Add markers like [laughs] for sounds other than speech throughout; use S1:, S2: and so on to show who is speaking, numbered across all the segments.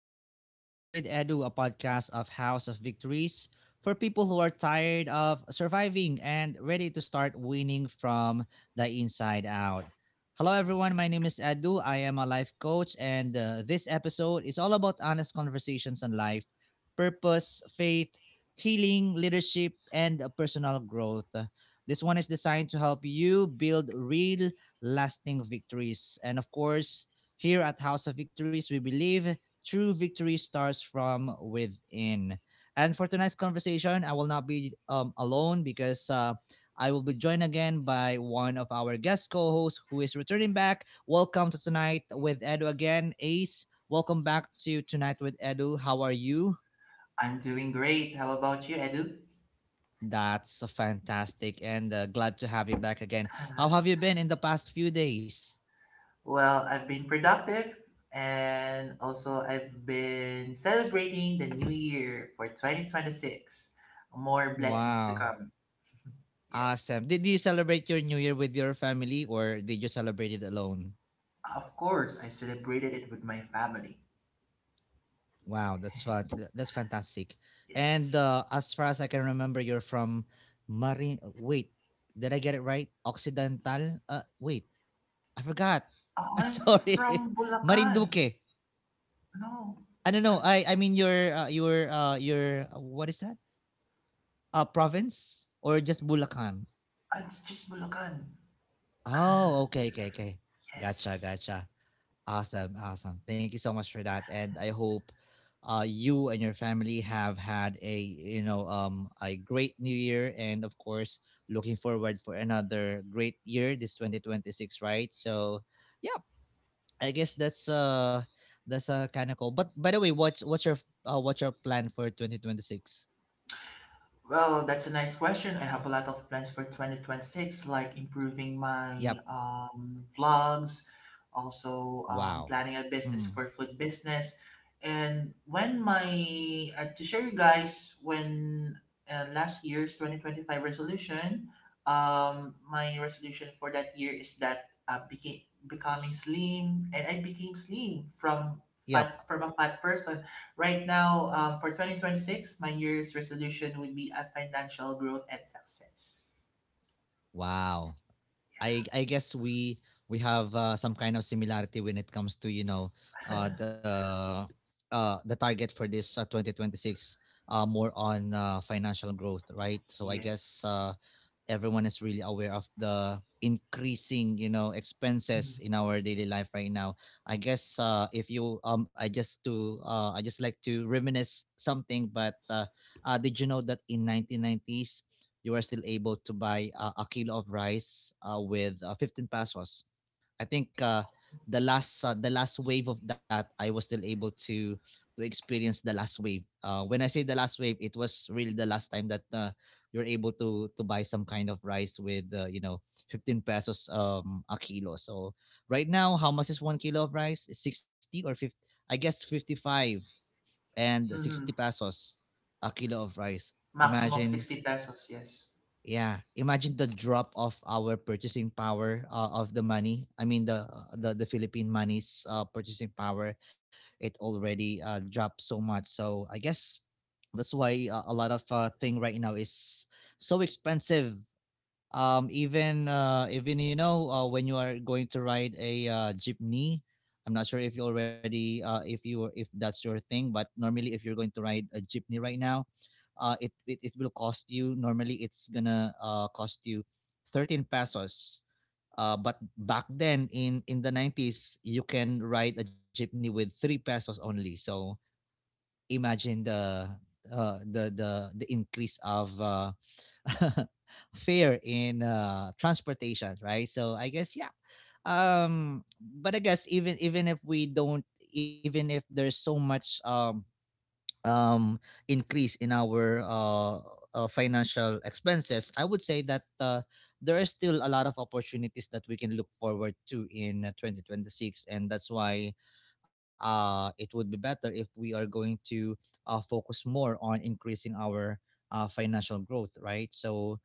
S1: Welcome to Tonight with Edu, a podcast of House of Victories for people who are tired of surviving and ready to start winning from the inside out. Hello, everyone. My name is Edu. I am a life coach, and this episode is all about honest conversations on life, purpose, faith, healing, leadership, and personal growth. This one is designed to help you build real, lasting victories. And of course, here at House of Victories, we believe true victory starts from within. And for tonight's conversation, I will not be alone because I will be joined again by one of our guest co hosts who is returning back. Welcome to Tonight with Edu again, Ace. Welcome back to Tonight with Edu. How are you?
S2: I'm doing great. How about you, Edu? [sighs]
S1: That's fantastic, and glad to have you back again.
S2: Uh,
S1: How have you been in the past few days?
S2: well, I've been productive and also I've been celebrating the new year for 2026. More blessings to
S1: Wow.
S2: come. Yes.
S1: Awesome. Did you celebrate your New Year with your family, or did you celebrate it alone?
S2: Of course, I celebrated it with my family.
S1: Wow, that's fun. That's fantastic. And
S2: Yes.
S1: as far as I can remember, you're from Marin. Wait, did I get it right? Occidental. Wait, I forgot. [laughs]
S2: Oh,
S1: I'm
S2: I'm
S1: sorry,
S2: from
S1: [laughs]
S2: Bulacan.
S1: Marinduque.
S2: No,
S1: I don't know.
S2: I'm,
S1: I mean your what is that? Province or just Bulacan?
S2: it's just Bulacan.
S1: Oh, okay, okay, okay. Gotcha,
S2: Yes.
S1: gotcha. Awesome, awesome. Thank you so much for that, and I hope you and your family have had a a great new year, and of course, looking forward for another great year this 2026, right? So, yeah, I guess that's kind of cool. But by the way, what's your what's your plan for 2026?
S2: Well, that's a nice question. I have a lot of plans for 2026, like improving my
S1: Yep.
S2: vlogs, also
S1: Wow.
S2: planning a business
S1: Mm.
S2: for food business. And when to share you guys, when last year's 2025 resolution, my resolution for that year is that becoming slim, and I became slim
S1: Yep.
S2: from a fat person. Right now, for 2026, my year's resolution would be a financial growth and success.
S1: Wow. I guess we have some kind of similarity when it comes to uh, the the target for this 2026, more on financial growth, right? So I guess
S2: Yes.
S1: everyone is really aware of the increasing expenses in our daily life right now. I guess if you I just to I just like to reminisce something, but did you know that in 1990s you were still able to buy a kilo of rice with 15 pesos? I think the last wave of that, I was still able to experience the last wave. When I say the last wave, it was really the last time that you're able to buy some kind of rice with 15 pesos a kilo. So right now, how much is 1 kilo of rice? 60 or 50? I guess 55 and 60
S2: Mm-hmm.
S1: pesos a kilo of rice.
S2: Maximum of
S1: Imagine,
S2: 60 pesos, yes.
S1: yeah, imagine the drop of our purchasing power of the money. I mean the the Philippine money's purchasing power, it already dropped so much. So I guess that's why a lot of thing right now is so expensive, even when you are going to ride a jeepney. I'm not sure if you already if that's your thing, but normally if you're going to ride a jeepney right now, it will cost you, normally it's gonna cost you 13 pesos, but back then in the 90s you can ride a jeepney with 3 pesos only. So imagine the increase of [laughs] fare in transportation, right? So I guess yeah. But I guess even if we don't, even if there's so much um increase in our financial expenses, I would say that there are still a lot of opportunities that we can look forward to in 2026, and that's why it would be better if we are going to focus more on increasing our financial growth, right? So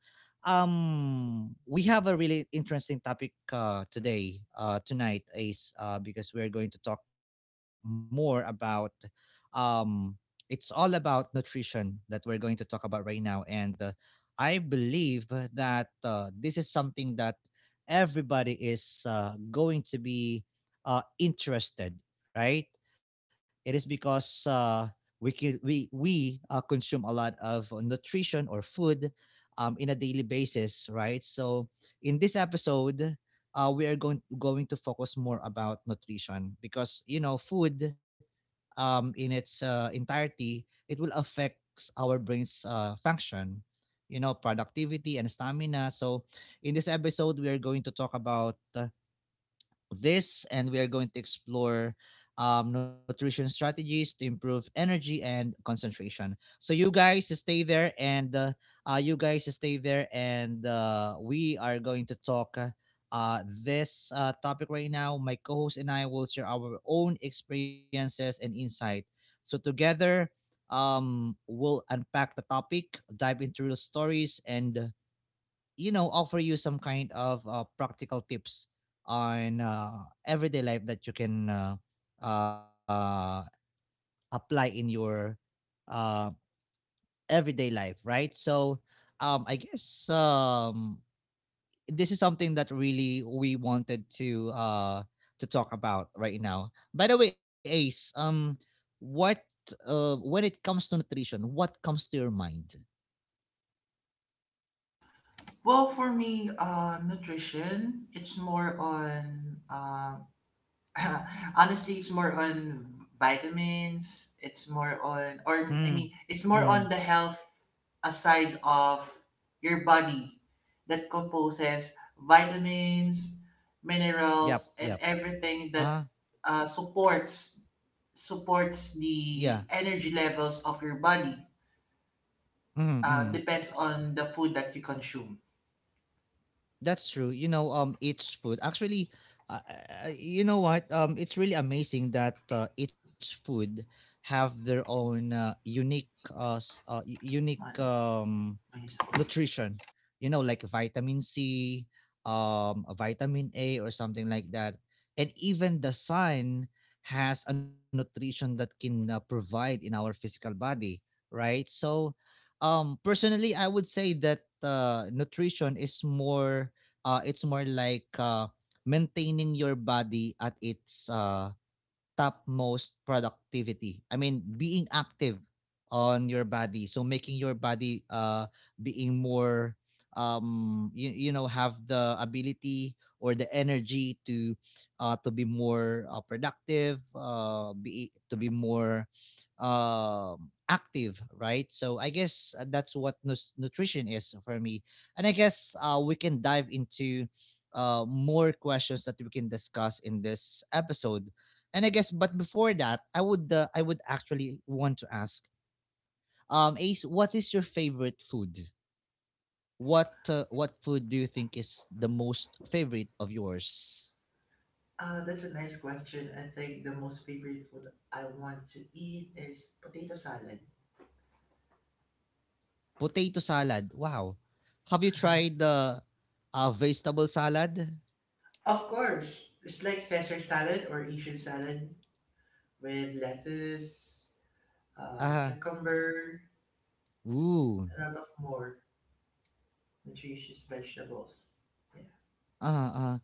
S1: we have a really interesting topic today tonight, is because we're going to talk more about um it's all about nutrition that we're going to talk about right now. And I believe that this is something that everybody is going to be interested, right? It is because we can, we consume a lot of nutrition or food in a daily basis, right? So in this episode, we are going to focus more about nutrition because you know food in its entirety, it will affect our brain's function, you know, productivity and stamina. So, in this episode, we are going to talk about this, and we are going to explore nutrition strategies to improve energy and concentration. So you guys stay there, and you guys stay there, and we are going to talk. Uh, this topic right now, my co-host and I will share our own experiences and insight. So together, we'll unpack the topic, dive into real stories, and you know offer you some kind of practical tips on everyday life that you can uh, apply in your uh, everyday life, right? So I guess this is something that really we wanted to talk about right now. By the way, Ace, what when it comes to nutrition, what comes to your mind?
S2: Well, for me, nutrition, it's more on [laughs] honestly, it's more on vitamins. It's more on,
S1: Mm,
S2: or I mean, it's more
S1: mm,
S2: on the health aside of your body that composes vitamins,
S1: yep,
S2: minerals, and
S1: yep,
S2: everything that
S1: ah,
S2: uh, supports supports
S1: yeah.
S2: the energy levels of your body.
S1: Mm, hmm.
S2: Depends on the food that you consume.
S1: That's true. You know, each food actually, uh, you know what? It's really amazing that each food have their own unique, uh, s- uh, u- unique
S2: Manu, Ano yung sagot?
S1: nutrition, you know, like vitamin C, a vitamin A, or something like that. And even the sun has a nutrition that can provide in our physical body, right? So, personally, I would say that nutrition is more, it's more like maintaining your body at its topmost productivity. I mean, being active on your body. So making your body being more you know have the ability or the energy to be more productive, be more active, right? So I guess that's what nutrition is for me. And I guess we can dive into more questions that we can discuss in this episode. And I guess, but before that, I would actually want to ask, Ace, what is your favorite food? What food do you think is the most favorite of yours?
S2: That's a nice question. I think the most favorite food I want to eat is potato salad.
S1: Potato salad. Wow. Have you tried the vegetable salad?
S2: Of course, it's like Caesar salad or Asian salad with lettuce,
S1: Ah,
S2: cucumber,
S1: ooh.
S2: a lot of more nutritious vegetables. Yeah.
S1: Uh, uh.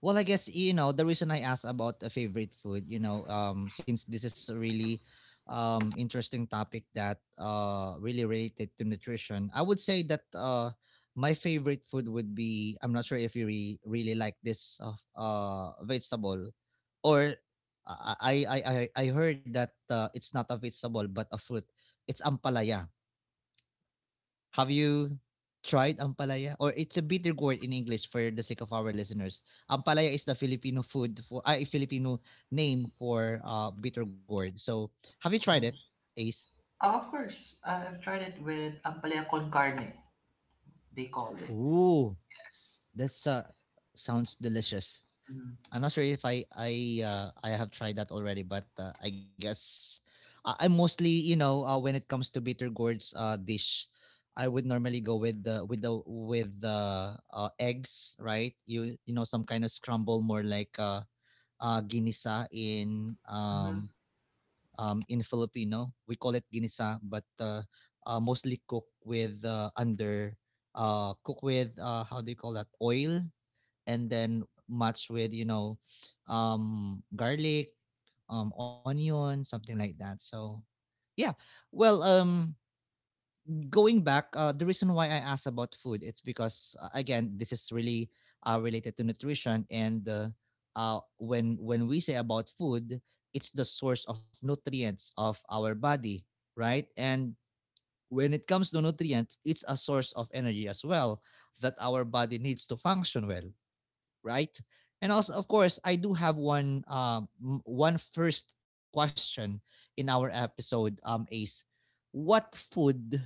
S1: Well, I guess you know the reason I asked about a favorite food, you know, since this is a really interesting topic that really related to nutrition. I would say that my favorite food would be, I'm not sure if you really like this vegetable, or I I I I I heard that it's not a vegetable but a fruit. It's ampalaya. Have you tried ampalaya? Or it's a bitter gourd in English, for the sake of our listeners. Ampalaya is the Filipino food for, I Filipino name for bitter gourd. So have you tried
S2: Mm.
S1: it, Ace?
S2: Oh, of course, I've tried it with ampalaya con carne. They call it.
S1: Ooh,
S2: Yes.
S1: that's sounds delicious.
S2: Mm.
S1: I'm not sure if I have tried that already, but I guess I mostly you know when it comes to bitter gourds dish, I would normally go with the eggs, right? You know, some kind of scramble, more like ginisa
S2: Mhm,
S1: in Filipino we call it ginisa, but mostly cook with under cook with how do you call that, oil, and then match with you know garlic, onion, something like that. So yeah. Well, going back, the reason why I asked about food, it's because again this is really related to nutrition. And when we say about food, it's the source of nutrients of our body, right? And when it comes to nutrients, it's a source of energy as well that our body needs to function well, right? And also, of course, I do have one one first question in our episode. Ace, what food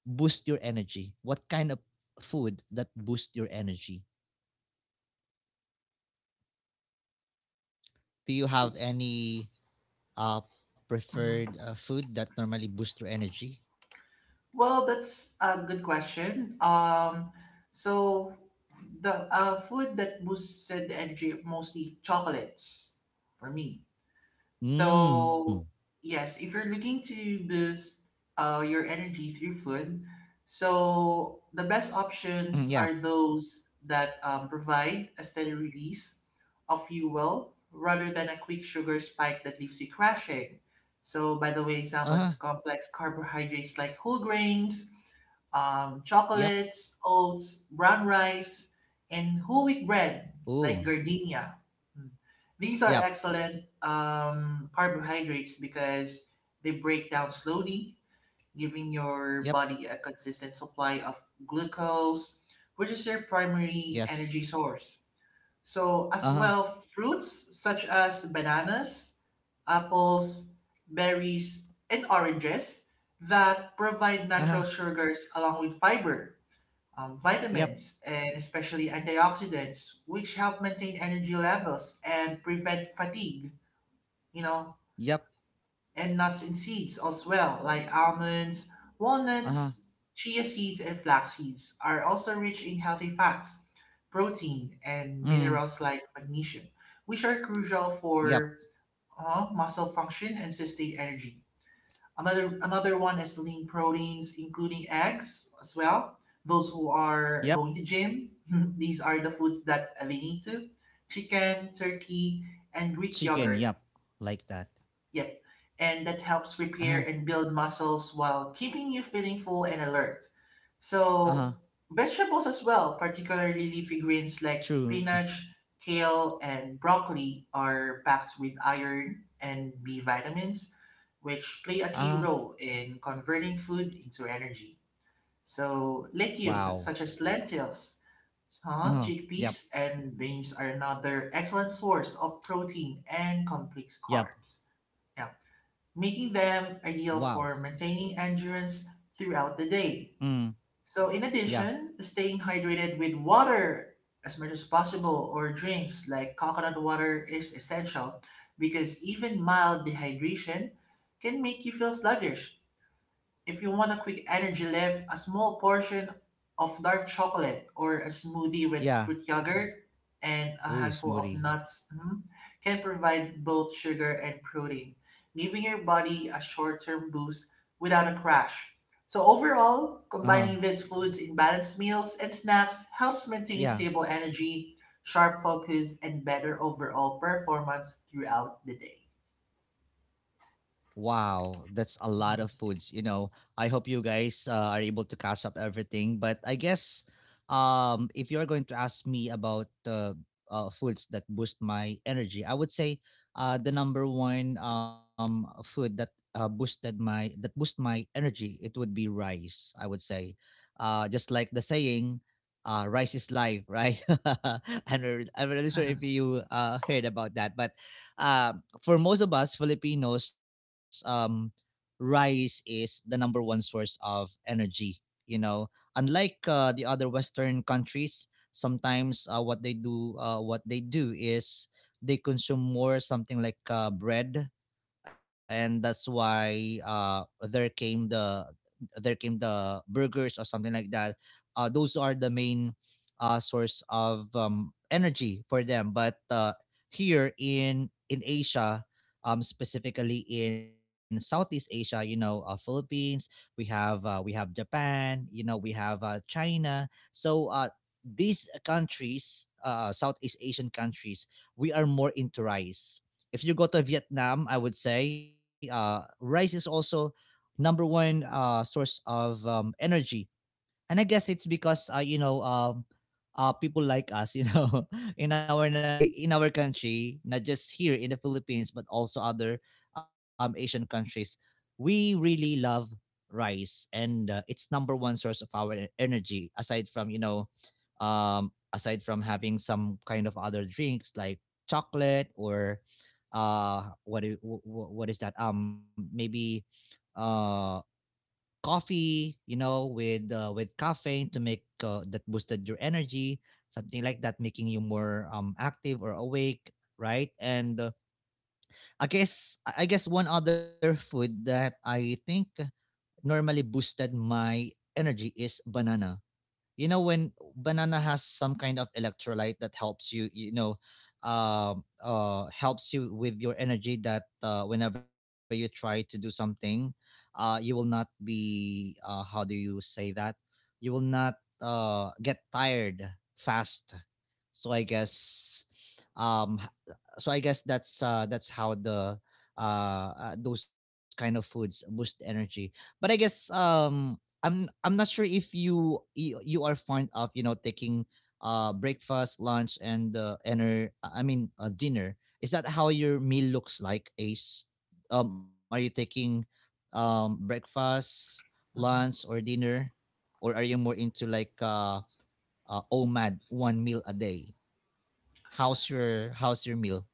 S1: boosts your energy? What kind of food that boosts your energy? Do you have any
S2: mhm.
S1: preferred food that normally boosts your energy?
S2: Well, that's a good question. So the food that boosts the energy mostly chocolates for me.
S1: Mm.
S2: So yes, if you're looking to boost your energy through food, so the best
S1: Mm, yeah.
S2: options are those that provide a steady release of fuel rather than a quick sugar spike that leaves you crashing. So, by the
S1: Uh
S2: way,
S1: huh.
S2: examples complex carbohydrates like whole grains,
S1: Yep.
S2: chocolates, oats, brown rice, and whole wheat bread
S1: Oh.
S2: like gardenia. Mm. These
S1: Yep.
S2: are excellent carbohydrates because they break down slowly, giving
S1: Yep.
S2: your body a consistent supply of glucose, which is your primary
S1: Yes.
S2: energy source. So,
S1: Uh
S2: as
S1: huh.
S2: well, fruits such as bananas, apples, berries, and oranges that
S1: Uh
S2: provide
S1: huh.
S2: natural sugars along with fiber,
S1: Yep.
S2: vitamins, and especially antioxidants, which help maintain energy levels and prevent fatigue. You know,
S1: Yep.
S2: and nuts and seeds as well, like almonds,
S1: Uh huh.
S2: walnuts, chia seeds, and flax seeds, are also rich in healthy fats, protein, and
S1: Mm.
S2: minerals like magnesium, which are crucial
S1: Yep.
S2: for muscle function and sustained energy. Another one is lean proteins, including eggs as well. Those who are
S1: Yep.
S2: going to gym, [laughs] these are the foods that they need to. Chicken, turkey, and Greek
S1: Chicken,
S2: yogurt.
S1: yep, like that.
S2: Yep. And that helps
S1: Uh-huh,
S2: repair and build muscles while keeping you feeling full and alert.
S1: uh-huh,
S2: So, vegetables as well, particularly leafy greens like
S1: true.
S2: spinach, kale, and broccoli, are packed with iron and B vitamins, which play a
S1: Uh-huh,
S2: key role in converting food into energy. So,
S1: wow.
S2: legumes such as lentils,
S1: Uh-huh, yep,
S2: chickpeas, and beans are another excellent source of protein and complex
S1: yep,
S2: carbs. Yeah, making them
S1: wow.
S2: ideal for maintaining endurance throughout the day.
S1: Mm,
S2: So, in
S1: yeah,
S2: addition, staying hydrated with water as much as possible or drinks like coconut water is essential because even mild dehydration can make you feel sluggish. If you want a quick energy lift, a small portion of dark chocolate or a smoothie with
S1: yeah.
S2: fruit yogurt and a
S1: Ooh,
S2: handful of
S1: smoothie.
S2: nuts can provide both sugar and protein, giving your body a short term boost without a crash. So, overall,
S1: Uh-huh,
S2: combining these foods in balanced meals and snacks helps maintain
S1: yeah.
S2: stable energy, sharp focus, and better overall performance throughout the day.
S1: Wow, that's a lot of foods. I hope you guys are able to catch up everything. But I guess if you're going to ask me about foods that boost my energy, I would say the number one food that boosted my that boost my energy, it would be rice. I would say, just like the saying, "Rice is life," right? [laughs] I'm not really sure if you heard about that, but. Um, for most of us Filipinos, rice is the number one source of energy. You know, Unlike the other Western countries, sometimes what they do is they consume more something like bread, and that's why, there came the there came the burgers or something like that. Those are the main source of energy for them, but here in Asia, specifically in Southeast Asia, Philippines, we have Japan, we have China, so these countries, Southeast Asian countries, we are more into rice. If you go to Vietnam, I would say rice is also number one source of energy, and I guess it's because, people like us, [laughs] in our in our country, not just here in the Philippines but also other Asian countries, we really love rice. And it's number one source of our energy, aside from, having some kind of other drinks like chocolate or, what do, wh- wh- what is that, maybe uh, coffee, with caffeine to make, that boosted your energy, something like that, making you more active or awake, right? And I guess one other food that I think normally boosted my energy is banana. You know when banana has some kind of electrolyte that helps you, with your energy, that whenever you try to do something, you will not be how do you say that you will not get tired fast. So I guess um h- so I guess that's how the those kind of foods boost energy. But I'm not sure if you are fond of, taking breakfast, lunch, and dinner. I mean dinner. Is that how your meal looks like, Ace? Are you taking breakfast, lunch,
S2: Uh-huh.
S1: or dinner, or are you more into like, OMAD, one meal a day? How's your meal?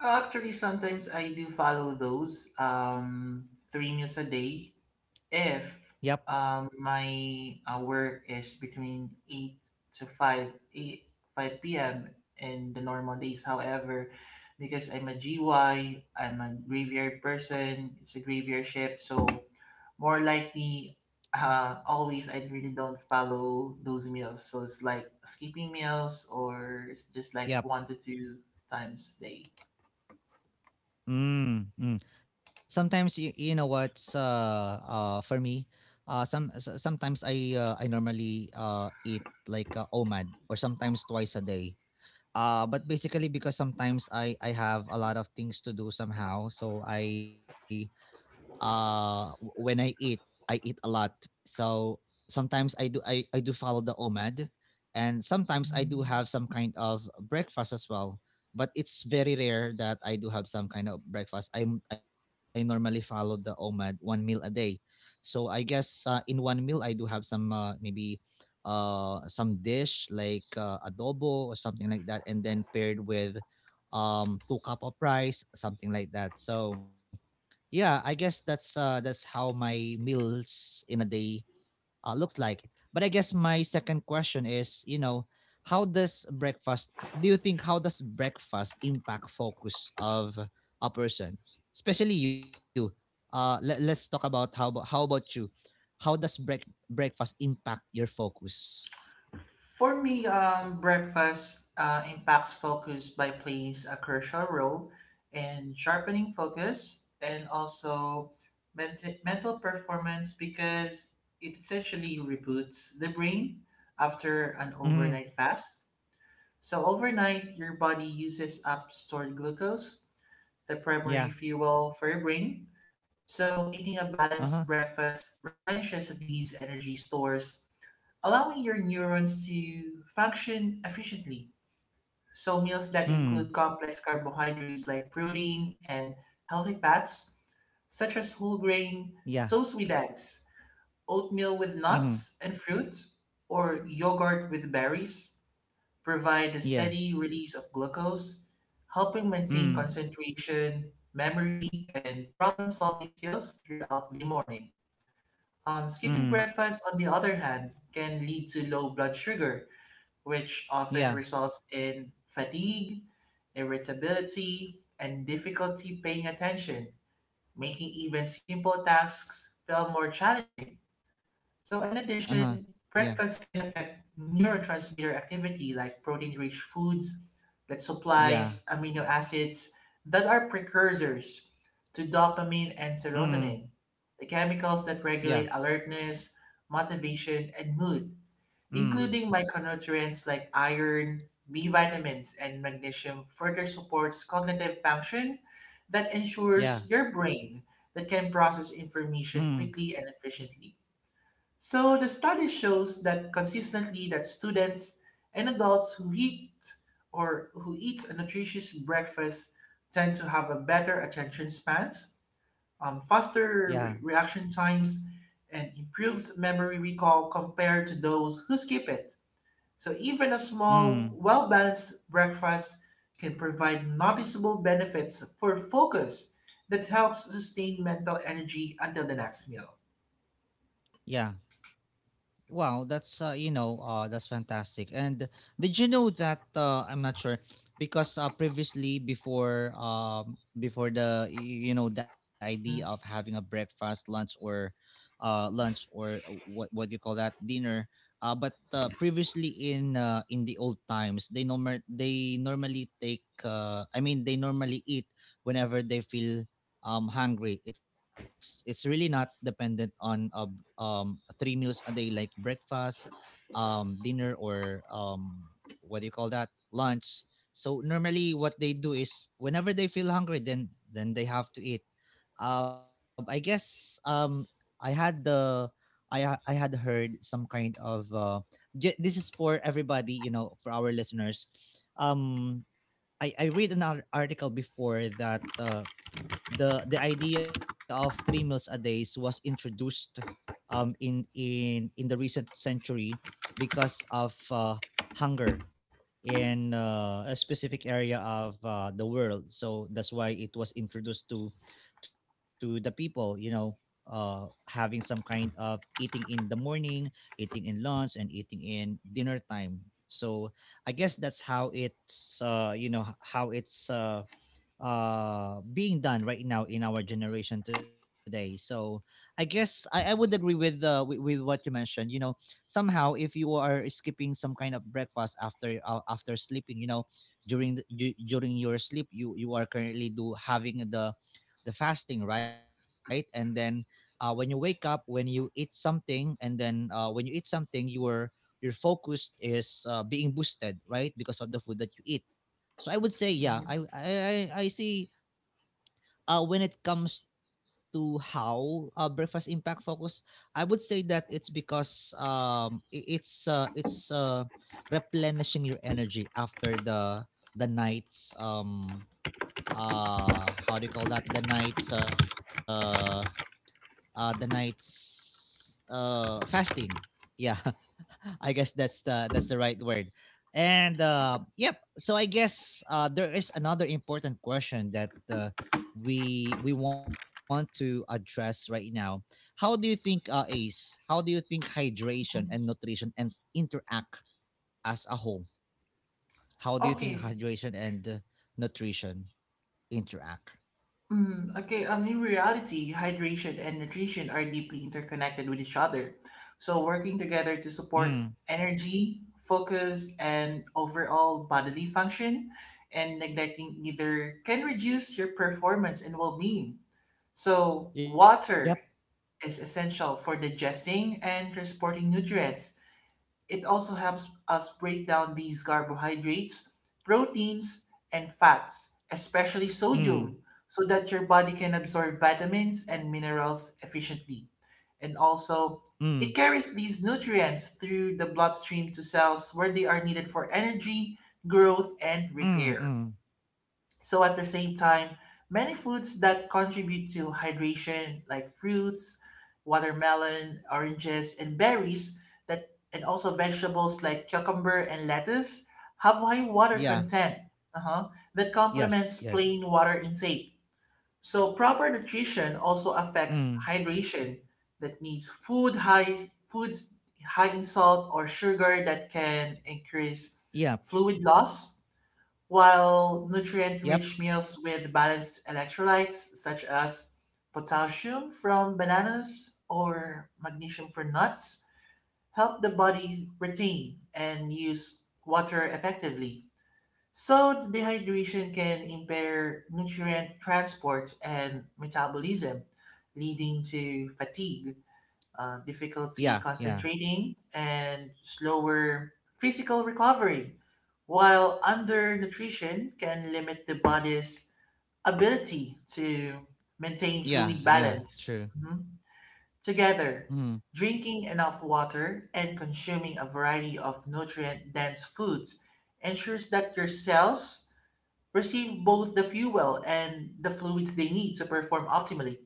S2: Actually, sometimes I do follow those three meals a day if
S1: Yep,
S2: my work is between 8 to 5 8 5 p.m. and the normal days. However, because I'm a GY, I'm a graveyard person, it's a graveyard shift, so more likely, always I really don't follow those meals. So it's like skipping meals or it's just like one
S1: yep.
S2: to two times a
S1: Mm, mm. Sometimes, you know what's, for me, sometimes I normally eat like OMAD, or sometimes twice a day. But basically, because sometimes I have a lot of things to do somehow, so when I eat a lot. So sometimes I do follow the OMAD, and sometimes I do
S2: day.
S1: have some kind of breakfast as well. But it's very rare that I do have some kind of breakfast. I normally follow the OMAD, one meal a day. So I guess, in one meal I do have some, maybe some dish like, adobo or something like that, and then paired with two cup of rice, something like that. So yeah, I guess that's how my meals in a day looks like. But I guess my second question is, how does breakfast h- do you think, how does breakfast impact focus of a person, especially you? Let's talk about, how about you? How does breakfast impact your focus?
S2: For me, breakfast impacts focus by plays a crucial role in sharpening focus and also mental performance because it essentially reboots the brain after an
S1: Mm-hmm.
S2: overnight fast. So, overnight, your body uses up stored glucose, the primary
S1: Yeah.
S2: fuel for your brain. So, eating a
S1: Uh-huh.
S2: balanced breakfast replenishes these energy stores, allowing your neurons to function efficiently. So, meals that
S1: Mm.
S2: include complex carbohydrates like protein and healthy fats, such as whole grain,
S1: Yeah.
S2: toast with eggs, oatmeal with
S1: Mm-hmm.
S2: nuts and fruit, or yogurt with berries, provide a
S1: Yeah.
S2: steady release of glucose, helping maintain
S1: Mm.
S2: concentration, memory, and problem solving skills throughout the morning. Skipping
S1: Mm.
S2: breakfast, on the other hand, can lead to low blood sugar, which often
S1: Yeah.
S2: results in fatigue, irritability, and difficulty paying attention, making even simple tasks feel more challenging. So, in
S1: Uh-huh.
S2: addition,
S1: Yeah.
S2: breakfast can affect neurotransmitter activity like protein rich foods that
S1: Yeah.
S2: supplies amino acids that are precursors to dopamine and
S1: Mm.
S2: serotonin, the chemicals that
S1: Yeah.
S2: regulate alertness, motivation, and mood,
S1: Mm.
S2: including micronutrients like iron, B vitamins, and magnesium, further supports cognitive function that ensures
S1: Yeah.
S2: your brain that can process
S1: Mm.
S2: information quickly and efficiently. So the study shows that consistently that students and adults who eat or who eat a nutritious breakfast tend to have a better attention spans,
S1: Yeah.
S2: faster reaction times, and improved memory recall compared to those who skip it. So even a
S1: Mm.
S2: small, well-balanced breakfast can provide noticeable benefits for focus that helps sustain mental energy until the next meal.
S1: Yeah. Wow, that's fantastic. And did you know that, I'm not sure, because previously, before before the y- you know the idea of
S2: Mm,
S1: having a breakfast, lunch, or what do you call that, dinner. But previously, in the old times, they normal they normally take I mean, they normally eat whenever they feel hungry. It's really not dependent on, three meals a day, like breakfast, dinner, or what do you call that lunch. So normally what they do is, whenever they feel hungry, then they have to eat. I guess, I had the I ha- I had heard some kind of, this is for everybody, you know, for our listeners, um I read an article before that, the idea of three meals a day was introduced in in the recent century, because of hunger, in a specific area of the world, so that's why it was introduced to the people, you know, having some kind of eating in the morning, eating in lunch, and eating in dinner time. So I guess that's how it's you know h- how it's being done right now in our generation today. So I guess, I would agree with, with what you mentioned. Somehow, if you are skipping some kind of breakfast after, after sleeping, during during your sleep, you are currently do having the fasting, right? And then, when you wake up, when you eat something, and then, when you eat something, your focus is, being boosted, right? Because of the food that you eat. So I would say, yeah,
S2: mhm.
S1: I see, when it comes to how breakfast impact focus, I would say that it's because, it's replenishing your energy after the night's, how do you call that the night's fasting. Yeah. [laughs] I guess that's the right word. And yep, so I guess there is another important question that we want to address right now. How do you think Ace, how do you think hydration and nutrition and interact as a whole? How do you think
S2: Okay.
S1: hydration and, nutrition interact?
S2: Mm, okay. In reality, hydration and nutrition are deeply interconnected with each other. So working together to
S1: Mm.
S2: support energy, focus, and overall bodily function, and neglecting either can reduce your performance and well-being. So
S1: Yep.
S2: water is essential for digesting and transporting nutrients. It also helps us break down these carbohydrates, proteins, and fats, especially sodium,
S1: Mm.
S2: so that your body can absorb vitamins and minerals efficiently. And also,
S1: Mm.
S2: it carries these nutrients through the bloodstream to cells where they are needed for energy, growth, and
S1: Mm.
S2: repair.
S1: Mm.
S2: So at the same time, many foods that contribute to hydration, like fruits, watermelon, oranges, and berries, that and also vegetables like cucumber and lettuce, have high water
S1: Yeah.
S2: content, uh-huh, that complements
S1: Yes,
S2: plain
S1: yes.
S2: water intake. So proper nutrition also affects
S1: Mm.
S2: hydration. That means foods high in salt or sugar that can increase
S1: Yep.
S2: fluid loss while
S1: Yep.
S2: nutrient-rich meals with balanced electrolytes such as potassium from bananas or magnesium from nuts help the body retain and use water effectively. So, dehydration can impair nutrient transport and metabolism, leading to fatigue, difficulty
S1: Yeah. Yeah.
S2: concentrating, and slower physical recovery, while undernutrition can limit the body's ability to maintain
S1: Yeah.
S2: fluid
S1: Yeah.
S2: balance.
S1: True.
S2: Mhm. Together,
S1: Mm.
S2: drinking enough water and consuming a variety of nutrient dense foods ensures that your cells receive both the fuel and the fluids they need to perform optimally,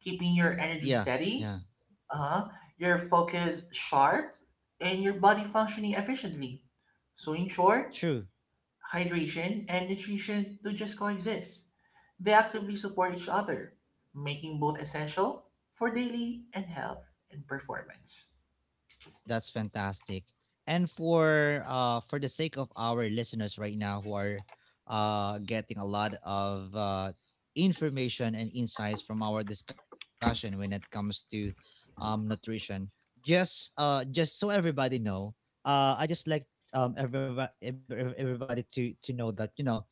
S2: keeping your
S1: Yeah.
S2: energy
S1: Yeah.
S2: steady, uh-huh, your focus sharp, and your body functioning efficiently. So, in short,
S1: True.
S2: hydration and nutrition do just coexist. They actively support each other, making both essential for daily and health and performance.
S1: That's fantastic. And for the sake of our listeners right now, who are getting a lot of information and insights from our discussion when it comes to nutrition, just so everybody know, I just like um everybody everybody to know that, you know,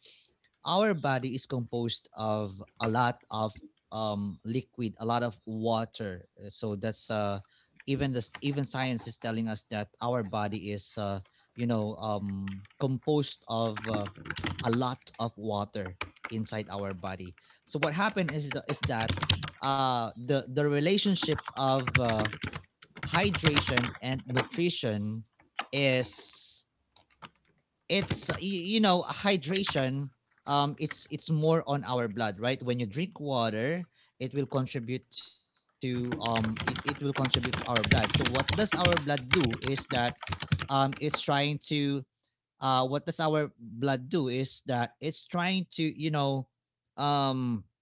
S1: our body is composed of a lot of, liquid, a lot of water. So that's, even science is telling us that our body is, composed of a lot of water inside our body. So what happened is that, the relationship of hydration and nutrition is, you know, hydration, it's more on our blood, right? When you drink water, it will contribute to, it will contribute to our blood. So what does our blood do is that, it's trying to, what does our blood do is that it's trying to um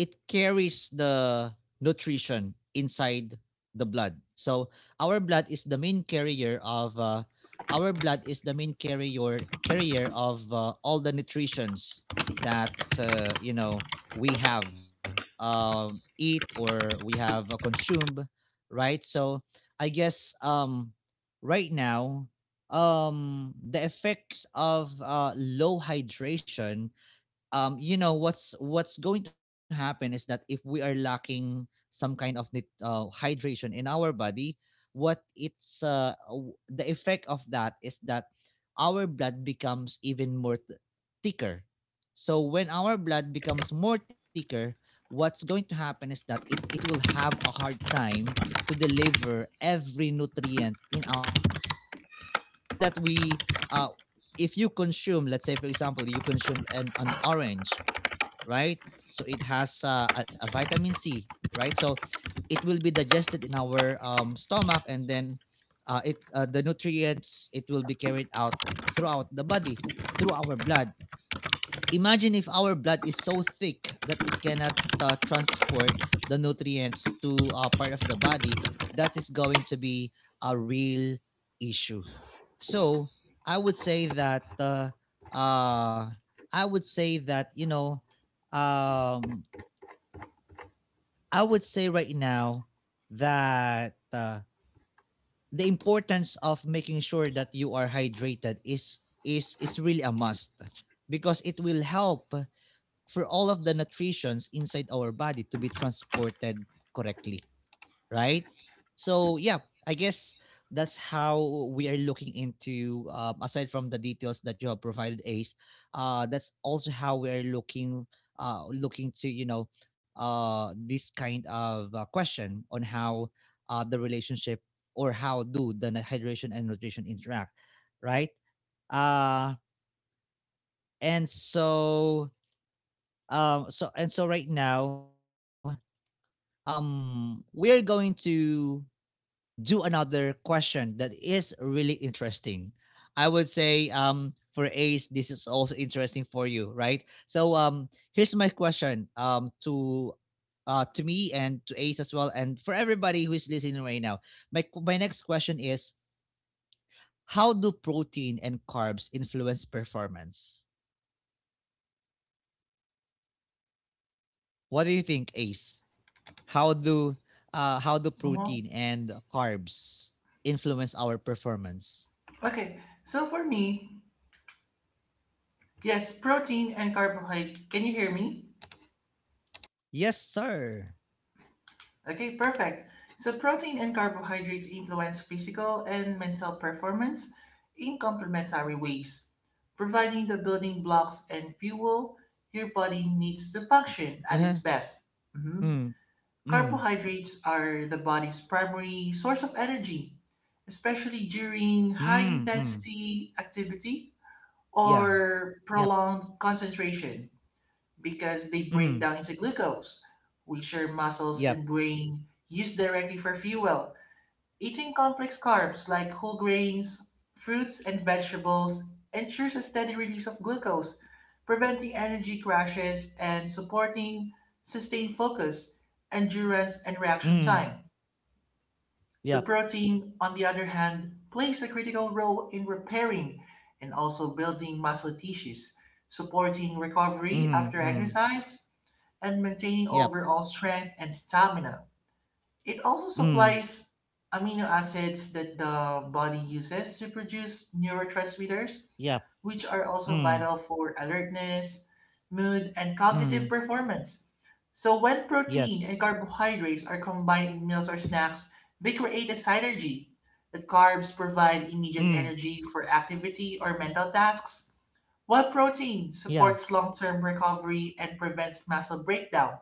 S1: it carries the nutrition inside the blood. So our blood is the main carrier of uh, our blood is the main carrier of all the nutritions that, you know, we have, uh, eat, or we have, consumed, right? So I guess, right now, the effects of low hydration, what's going to happen is that, if we are lacking some kind of, hydration in our body, the effect of that is that our blood becomes even more thicker. So when our blood becomes more thicker, what's going to happen is that, it will have a hard time to deliver every nutrient in our body. So remember that, we uh, if you consume, let's say, for example, you consume an orange, right? So it has, a vitamin C, right? So it will be digested in our, stomach, and then, it the nutrients, it will be carried out throughout the body through our blood. Imagine if our blood is so thick that it cannot, transport the nutrients to a part of the body. That is going to be a real issue. So I would say that uh, I would say that you know um, I would say right now that the importance of making sure that you are hydrated is really a must because it will help for all of the nutritions inside our body to be transported correctly, right? So yeah, I guess that's how we are looking into aside from the details that you have provided, Ace. That's also how we are looking looking to you know this kind of question on how the relationship or how do hydration and nutrition interact, right? Uh, and so um, so and so right now we're going to do another question that is really interesting. I would say for Ace this is also interesting for you, right? So here's my question, to me and to Ace as well and for everybody who is listening right now. My next question is, how do protein and carbs influence performance? What do you think, Ace? How do how do
S2: Uh-huh.
S1: protein and carbs influence our performance?
S2: Okay, so for me, yes, protein and carbohydrate. Can you hear me?
S1: Yes, sir.
S2: Okay, perfect. So protein and carbohydrates influence physical and mental performance in complementary ways, providing the building blocks and fuel your body needs to function at its
S1: Uh-huh.
S2: best. Mhm.
S1: Mm, mm,
S2: Carbohydrates are the body's primary source of energy, especially during high
S1: mm, mm,
S2: intensity activity
S1: yeah.
S2: or
S1: Yep.
S2: prolonged concentration because they break
S1: mm,
S2: down into glucose, which your muscles and
S1: Yep.
S2: brain use directly for fuel. Eating complex carbs like whole grains, fruits, and vegetables ensures a steady release of glucose, preventing energy crashes and supporting sustained focus, endurance, and reaction
S1: mm,
S2: time. So,
S1: Yep.
S2: protein, on the other hand, plays a critical role in repairing and also building muscle tissues, supporting recovery
S1: mm,
S2: after
S1: mm,
S2: exercise and maintaining
S1: Yep.
S2: overall strength and stamina. It also
S1: mm,
S2: supplies amino acids that the body uses to produce neurotransmitters,
S1: Yep.
S2: which are also
S1: mm,
S2: vital for alertness, mood, and cognitive
S1: mm,
S2: performance. So, when protein and
S1: Yes.
S2: carbohydrates are combined in meals or snacks, they create a synergy. The carbs provide
S1: mm,
S2: immediate energy for activity or mental tasks, while protein
S1: Yeah.
S2: supports long term recovery and prevents muscle breakdown.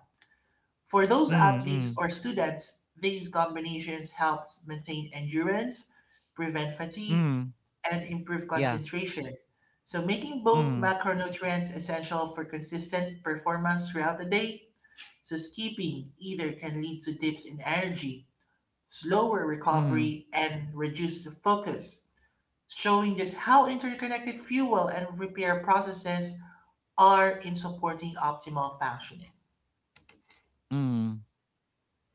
S2: For those
S1: mm,
S2: athletes
S1: mm,
S2: or students, these combinations helps maintain endurance, prevent fatigue,
S1: mm,
S2: and improve
S1: Yeah.
S2: concentration. So making both
S1: mm,
S2: macronutrients essential for consistent performance throughout the day, so skipping either can lead to dips in energy, slower
S1: mm,
S2: recovery, and reduced focus, showing just how interconnected fuel and repair processes are in supporting optimal functioning.
S1: mm.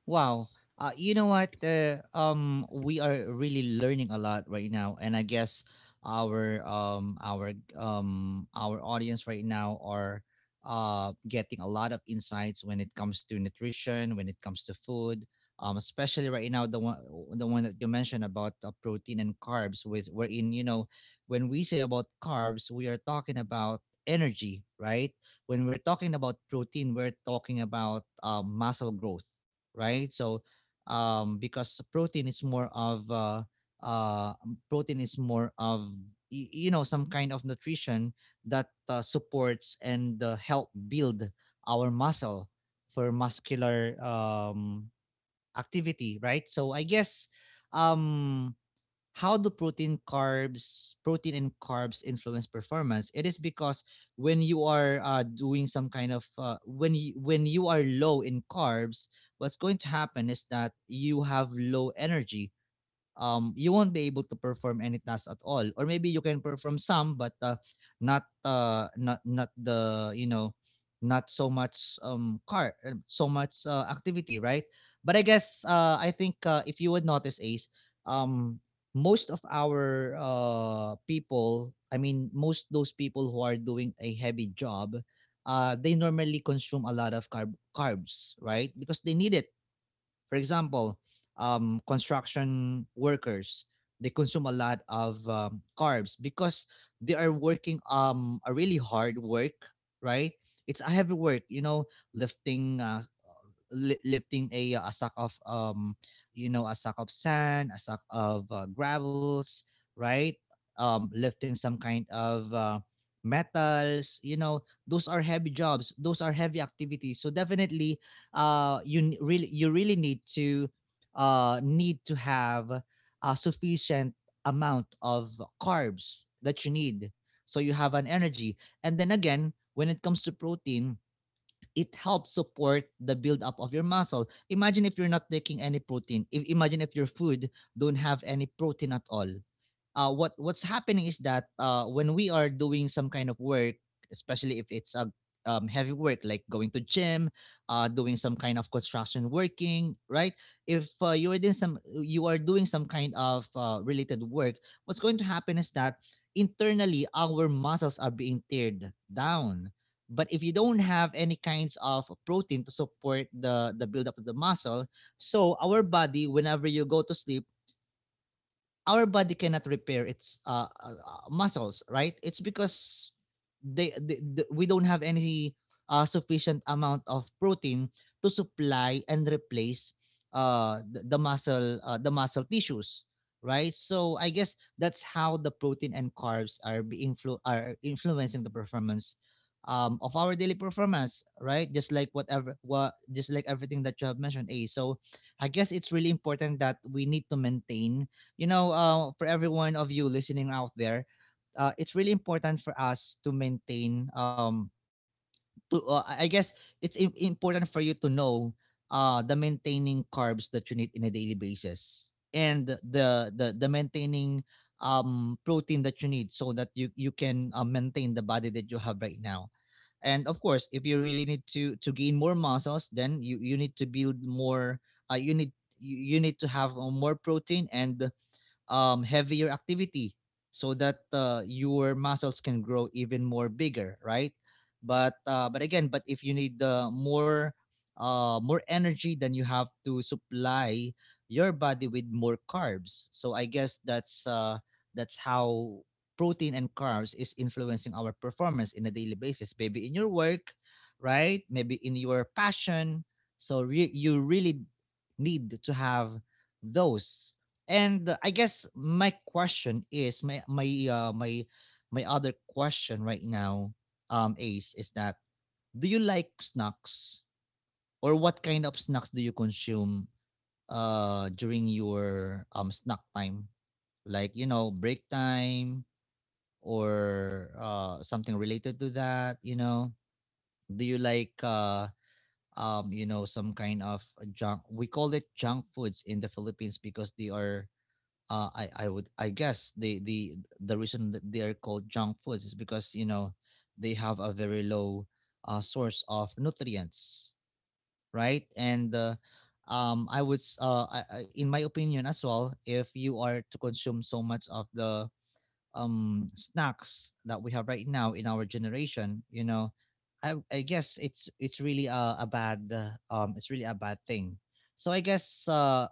S1: Wow. You know what? We are really learning a lot right now, and I guess our our audience right now are getting a lot of insights when it comes to nutrition, when it comes to food. Especially right now, the one that you mentioned about protein and carbs, with wherein you know, when we say about carbs, we are talking about energy, right? When we're talking about protein, we're talking about muscle growth, right? So because uh, protein is more of some kind of nutrition that supports and help build our muscle for muscular activity, right? So I guess um, how do protein and carbs influence performance? It is because when you are doing some kind of when when you are low in carbs, what's going to happen is that you have low energy. You won't be able to perform any task at all. Or maybe you can perform some, but not the you know not so much car so much activity, right? But I guess I think if you would notice, Ace, um, most of our people, I mean, most those people who are doing a heavy job, they normally consume a lot of carbs, right? Because they need it. For example, construction workers, they consume a lot of carbs because they are working a really hard work, right? It's a heavy work, you know, lifting lifting a sack of you know a sack of sand, a sack of gravels, right? Lifting some kind of metals, you know, those are heavy jobs. Those are heavy activities. So definitely, you really need to need to have a sufficient amount of carbs that you need so you have an energy. And then again, when it comes to protein, it helps support the buildup of your muscle. Imagine if you're not taking any protein. If, Imagine if your food don't have any protein at all. What what's happening is that when we are doing some kind of work, especially if it's a heavy work like going to gym, doing some kind of construction working, right? If you are doing some kind of related work. What's going to happen is that internally our muscles are being teared down. But if you don't have any kinds of protein to support the buildup of the muscle, so our body, whenever you go to sleep, our body cannot repair its muscles, right? It's because we don't have any sufficient amount of protein to supply and replace the muscle tissues, right? So I guess that's how the protein and carbs are are influencing the performance of our daily performance, right? Just like everything that you have mentioned, A. So I guess it's really important that we need to maintain, you know, for every one of you listening out there, it's really important for us to maintain. To I guess it's important for you to know the maintaining carbs that you need in a daily basis and the maintaining protein that you need so that you can maintain the body that you have right now. And of course, if you really need to gain more muscles, then you need to build more. uh, you need you need to have more protein and heavier activity so that your muscles can grow even more bigger, right? But again, but if you need more energy, then you have to supply your body with more carbs. So I guess that's how protein and carbs is influencing our performance in a daily basis. Maybe in your work, right? Maybe in your passion. So you really need to have those. And I guess my question is, my other question right now, Ace, is that, do you like snacks? Or what kind of snacks do you consume during your snack time? Like, you know, break time or something related to that, you know? Do you like you know, some kind of junk? We call it junk foods in the Philippines because they are I guess the the reason that they are called junk foods is because you know they have a very low source of nutrients, right? And I would I- in my opinion as well, if you are to consume so much of the snacks that we have right now in our generation, you know, I guess it's really a bad it's really a bad thing. So I guess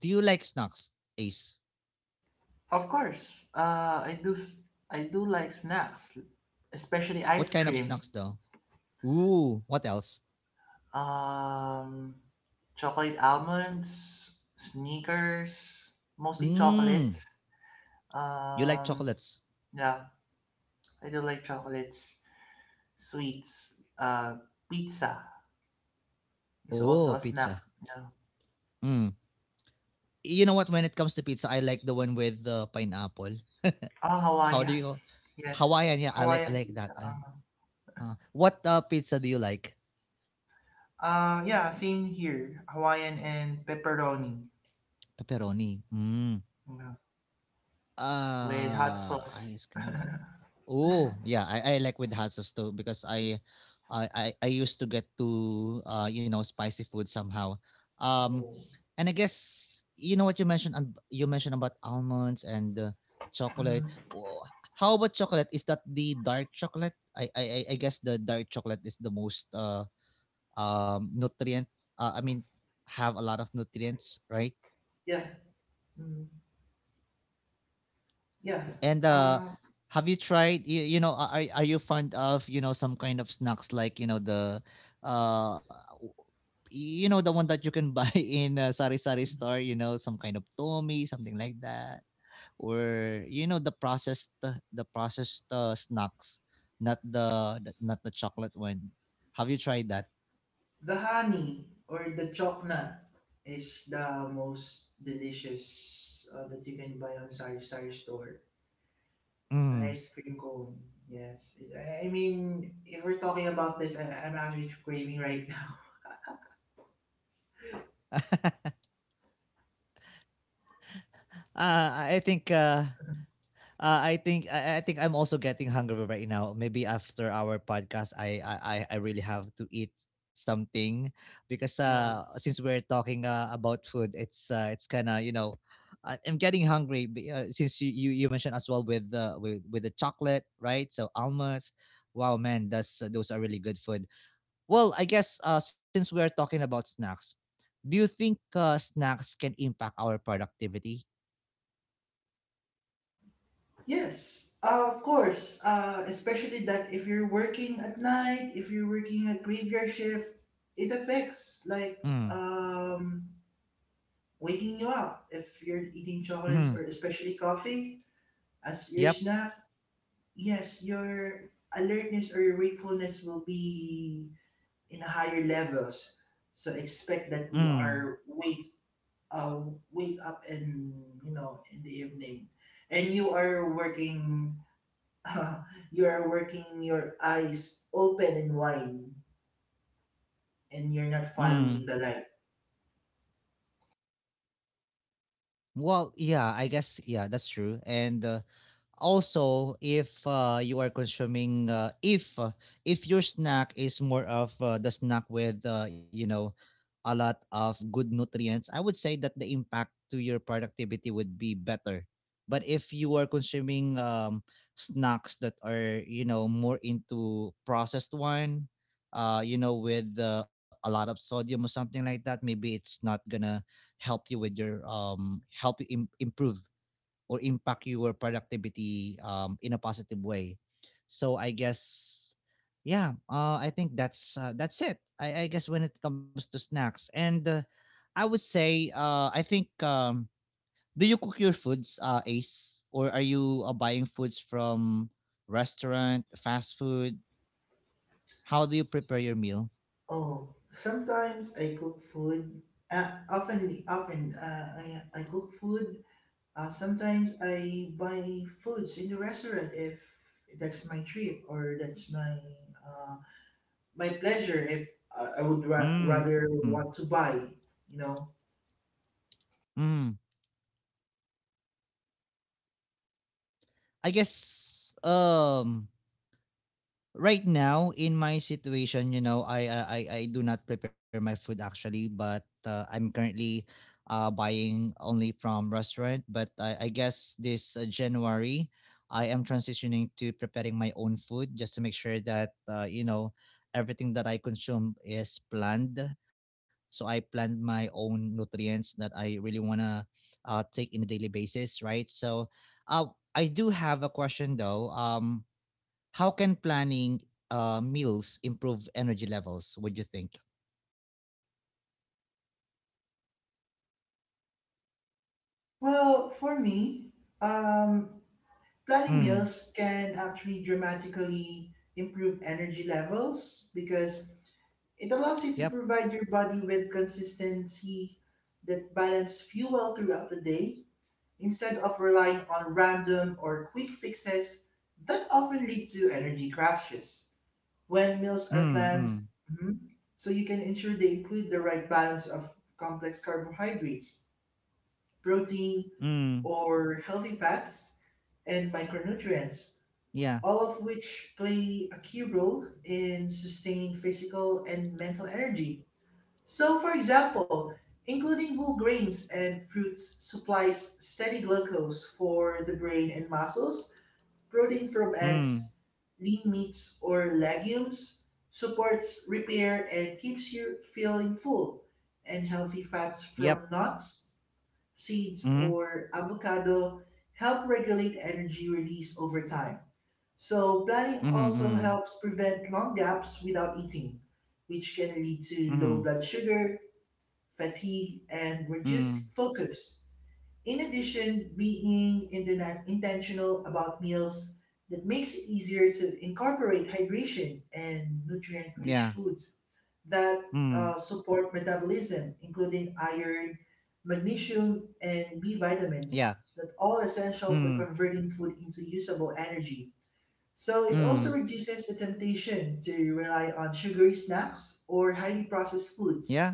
S1: do you like snacks, Ace?
S2: Of course, I do. I do like snacks, especially ice
S1: What kind of
S2: cream.
S1: snacks though? Ooh, what else?
S2: Um, Chocolate almonds, sneakers, mostly
S1: Mm,
S2: chocolates.
S1: you like
S2: Um,
S1: chocolates?
S2: yeah, I do like chocolates, sweets. Pizza is
S1: Oh,
S2: also a
S1: pizza.
S2: snack. Yeah.
S1: Mm. You know what? When it comes to pizza, I like the one with the pineapple. [laughs]
S2: Oh,
S1: How do
S2: Hawaiian. [laughs]
S1: you?
S2: Yes,
S1: Hawaiian, yeah. I
S2: Hawaiian
S1: like that.
S2: pizza. Uh,
S1: What pizza do you like?
S2: uh, yeah, same here. Hawaiian and pepperoni,
S1: Pepperoni. Mm.
S2: yeah, with hot
S1: Uh,
S2: sauce.
S1: ice cream. Oh, yeah, I like with Hatsos too because I used to get to you know spicy food somehow, um,
S2: [laughs]
S1: and I guess you know what you mentioned, and you mentioned about almonds and chocolate.
S2: Mhm.
S1: How about chocolate? Is that the dark chocolate? I guess the dark chocolate is the most nutrient. I mean, have a lot of nutrients, right?
S2: Yeah. Mhm. Yeah.
S1: And
S2: Uh,
S1: have you tried, you know, are are you fond of you know some kind of snacks like you know the uh w- you know the one that you can buy [laughs] in a sari sari store, you know, some kind of tomi something like that, or you know the processed snacks, not not the chocolate one? Have you tried that?
S2: the honey or the chocolate is the most delicious that you can buy on Sari Sari store. The
S1: Mm.
S2: ice cream cone. Yes. I mean, if we're talking about this, I'm actually craving right now. [laughs]
S1: [laughs] uh, i think uh I think I'm also getting hungry right now. Maybe after our podcast, I really have to eat something. Because
S2: Yeah.
S1: since we're talking about food, it's kind of you know I'm getting hungry since you mentioned as well with with the chocolate, right? So almonds. Wow, man, that's those are really good food. Well, I guess since we're talking about snacks, do you think snacks can impact our productivity?
S2: Yes. Of course. Especially that if you're working at night, if you're working at graveyard shift, it affects like
S1: Mm.
S2: um waking you up if you're eating
S1: Hmm,
S2: chocolates
S1: mm-hmm,
S2: or especially coffee as your
S1: yep.
S2: snack. Yes, your alertness or your wakefulness will be in higher levels. So expect that you
S1: Mm.
S2: are wake uh, wake up and you know in the evening, and you are working. [laughs] You are working your eyes open and wide, and you're not
S1: Mm.
S2: following the line.
S1: Well, yeah, I guess, yeah, that's true. And also, if if if your snack is more of the snack with you know a lot of good nutrients, I would say that the impact to your productivity would be better. But if you are consuming snacks that are you know more into processed one, you know with a lot of sodium or something like that, maybe it's not gonna help you with your help you improve or impact your productivity in a positive way. So I guess, yeah, I think that's it. I guess when it comes to snacks, and I would say, I think, do you cook your foods, Ace, or are you buying foods from restaurant, fast food? How do you prepare your meal?
S2: Oh, sometimes I cook food. Often, often, I cook food. Sometimes I buy foods in the restaurant if that's my trip or that's my uh, my pleasure. If I would
S1: Mm,
S2: rather want to buy, you know.
S1: mm. I guess, right now, in my situation, you know, I do not prepare my food actually, but I'm currently buying only from restaurant. But I guess this January, I am transitioning to preparing my own food just to make sure that you know everything that I consume is planned. So I planned my own nutrients that I really wanna take in a daily basis, right? So, uh, I do have a question though. How can planning meals improve energy levels? Would you think?
S2: Well, for me, um, planning
S1: Mm.
S2: meals can actually dramatically improve energy levels because it allows you
S1: Yep.
S2: to provide your body with consistency that balance fuel throughout the day instead of relying on random or quick fixes that often lead to energy crashes. When meals are
S1: Mm.
S2: planned,
S1: Mm.
S2: mhm, so you can ensure they include the right balance of complex carbohydrates, protein,
S1: Mm.
S2: or healthy fats, and micronutrients,
S1: Yeah.
S2: all of which play a key role in sustaining physical and mental energy. So, for example, including whole grains and fruits supplies steady glucose for the brain and muscles, protein from
S1: Mm.
S2: eggs, lean meats, or legumes supports repair and keeps you feeling full, and healthy fats
S1: Yep.
S2: from nuts, seeds,
S1: Mm.
S2: or avocado help regulate energy release over time. So, planning
S1: Mm.
S2: also
S1: Mm.
S2: helps prevent long gaps without eating, which can lead to low
S1: Mm.
S2: blood sugar, fatigue, and
S1: Mm.
S2: reduced focus. In addition, being intentional about meals that makes it easier to incorporate hydration and nutrient-rich
S1: Yeah.
S2: foods that
S1: Mm.
S2: support metabolism, including iron, magnesium, and B
S1: Yeah.
S2: vitamins, that all essential for
S1: Mm.
S2: converting food into usable energy. So it also
S1: Mm.
S2: reduces the temptation to rely on sugary snacks or highly processed
S1: Yeah. Yeah.
S2: foods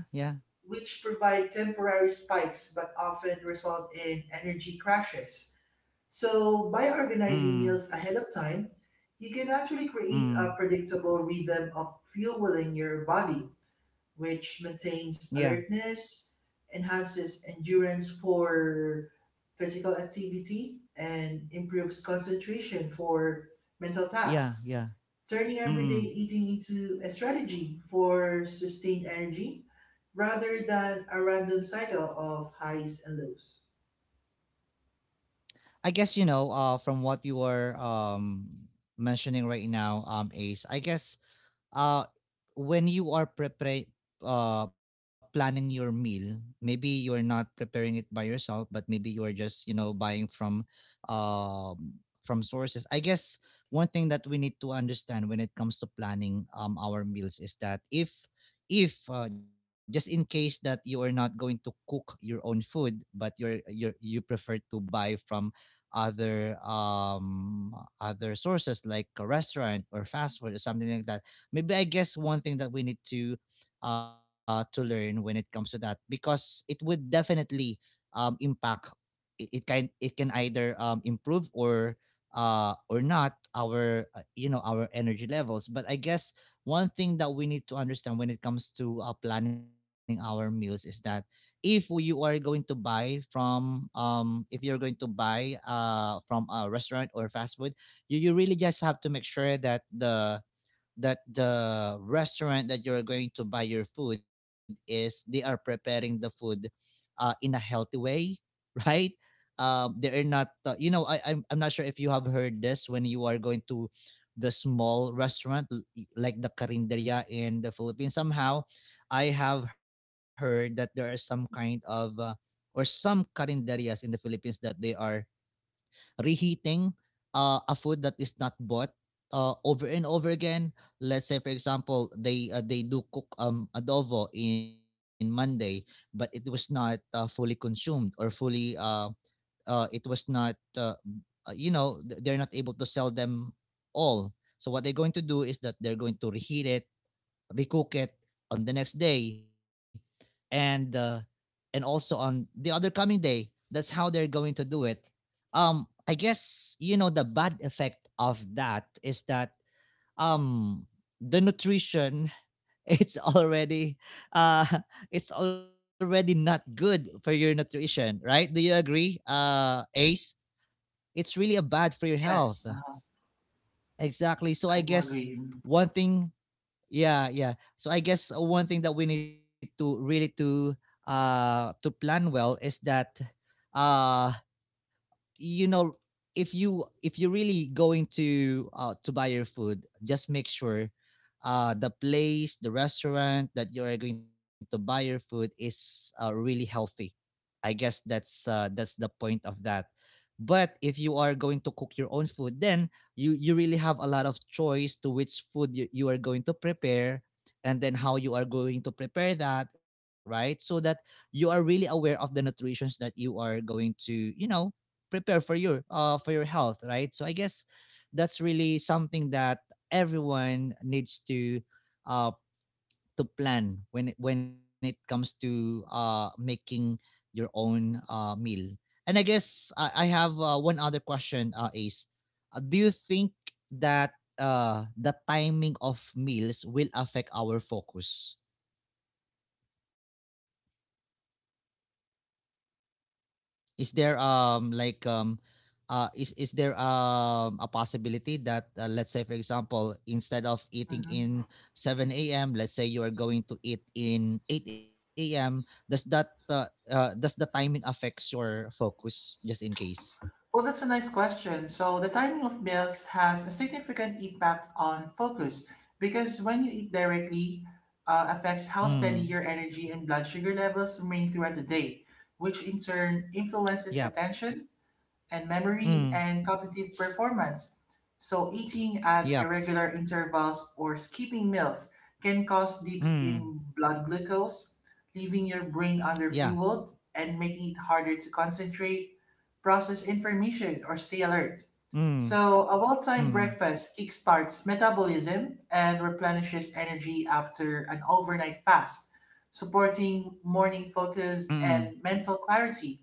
S2: which provide temporary spikes but often result in energy crashes. So, by organizing
S1: Mm.
S2: meals ahead of time, you can actually create a
S1: Mm.
S2: predictable rhythm of fueling your body which
S1: Yeah.
S2: maintains alertness, enhances endurance for physical activity, and improves concentration for mental
S1: Yeah.
S2: tasks,
S1: Yeah.
S2: turning everyday
S1: Mm.
S2: eating into a strategy for sustained energy rather than a random cycle of highs and lows.
S1: I guess you know from what you were mentioning right now, Ace. I guess uh when you are preparing planning your meal, maybe you're not preparing it by yourself, but maybe you are just you know buying um from sources. I guess one thing that we need to understand when it comes to planning our meals is that if just in case that you are not going to cook your own food but you prefer to buy from other other sources like a restaurant or fast food or something like that, maybe I guess one thing that we need to learn when it comes to that, because it would definitely impact, it can it can either improve or not our you know our energy levels. But I guess one thing that we need to understand when it comes to planning our meals is that if you are going to buy from if you're going to buy from a restaurant or fast food, you really just have to make sure that the restaurant that you're going to buy your food is they are preparing the food in a healthy way, [laughs] right? They are not, you know, I'm not sure if you have heard this when you are going to the small restaurant like the Carinderia in the Philippines. Somehow, I have heard that there are some kind of or some Carinderias in the Philippines that they are reheating a food that is not bought over and over again. Let's say, for example, they do cook adobo in Monday, but it was not fully consumed or fully it was not you know, they're not able to sell them all. So what they're going to do is that they're going to reheat it, recook it on the next day, and uh, and also on the other coming day. That's how they're going to do it. I guess you know the bad effect of that is that um the nutrition [laughs] it's already uh [laughs] it's already not good for your nutrition, right? Do you agree, Ace? It's really a bad for your health.
S2: Yes,
S1: Exactly. So I
S2: I do
S1: guess
S2: agree.
S1: one thing, yeah, yeah. So I guess one thing that we need to really to plan well is that uh you know, if you're really going to buy your food, just make sure the place, the restaurant that you are going to buy your food is really healthy. I guess that's the point of that. But if you are going to cook your own food, then you really have a lot of choice to which food you are going to prepare, and then how you are going to prepare that, right? So that you are really aware of the nutritions that you are going to, you know, prepare for your health, right? So I guess that's really something that everyone needs um to plan when when it comes to making your own meal. And I guess I have one other question, Ace. Do you think that the timing of meals will affect our focus? Is there is there a possibility that let's say for example instead of eating in
S2: Mhm.
S1: 7 a.m., let's say you are going to eat in 8 a.m.? Does that does the timing affects your focus just in case?
S2: Well, that's a nice question. So, the timing of meals has a significant impact on focus because when you eat directly, affects how steady
S1: Mm.
S2: your energy and blood sugar levels remain throughout the day, which in turn
S1: Yep.
S2: influences attention and
S1: Mm.
S2: memory and cognitive performance. So, eating at
S1: Yep.
S2: irregular intervals or skipping meals can cause dips
S1: Mm.
S2: in blood glucose, leaving your
S1: Yeah.
S2: brain underfueled and making it harder to concentrate process information, or stay alert.
S1: Mm.
S2: So, a well timed
S1: Mm.
S2: breakfast kickstarts metabolism and replenishes energy after an overnight fast, supporting morning
S1: Mm.
S2: focus and mental clarity.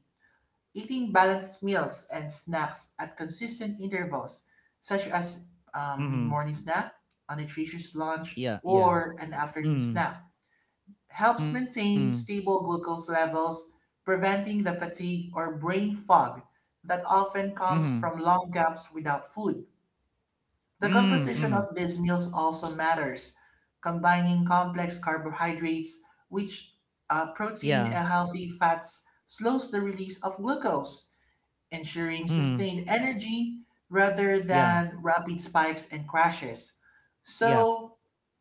S2: Eating balanced meals and snacks at consistent intervals, such as
S1: Mm.
S2: mid morning snack, a nutritious lunch,
S1: Yeah. Yeah.
S2: or an afternoon
S1: Mm.
S2: snack helps
S1: Mm.
S2: maintain stable glucose levels, preventing the fatigue or brain fog that often comes
S1: Mm.
S2: from long gaps without food. The
S1: Mm.
S2: composition
S1: Mm.
S2: of these meals also matters, combining complex carbohydrates, which
S1: Yeah.
S2: protein and healthy fats slows the release of glucose, ensuring
S1: Mm.
S2: sustained energy rather
S1: Yeah.
S2: than rapid spikes and crashes.
S1: Yeah.
S2: So,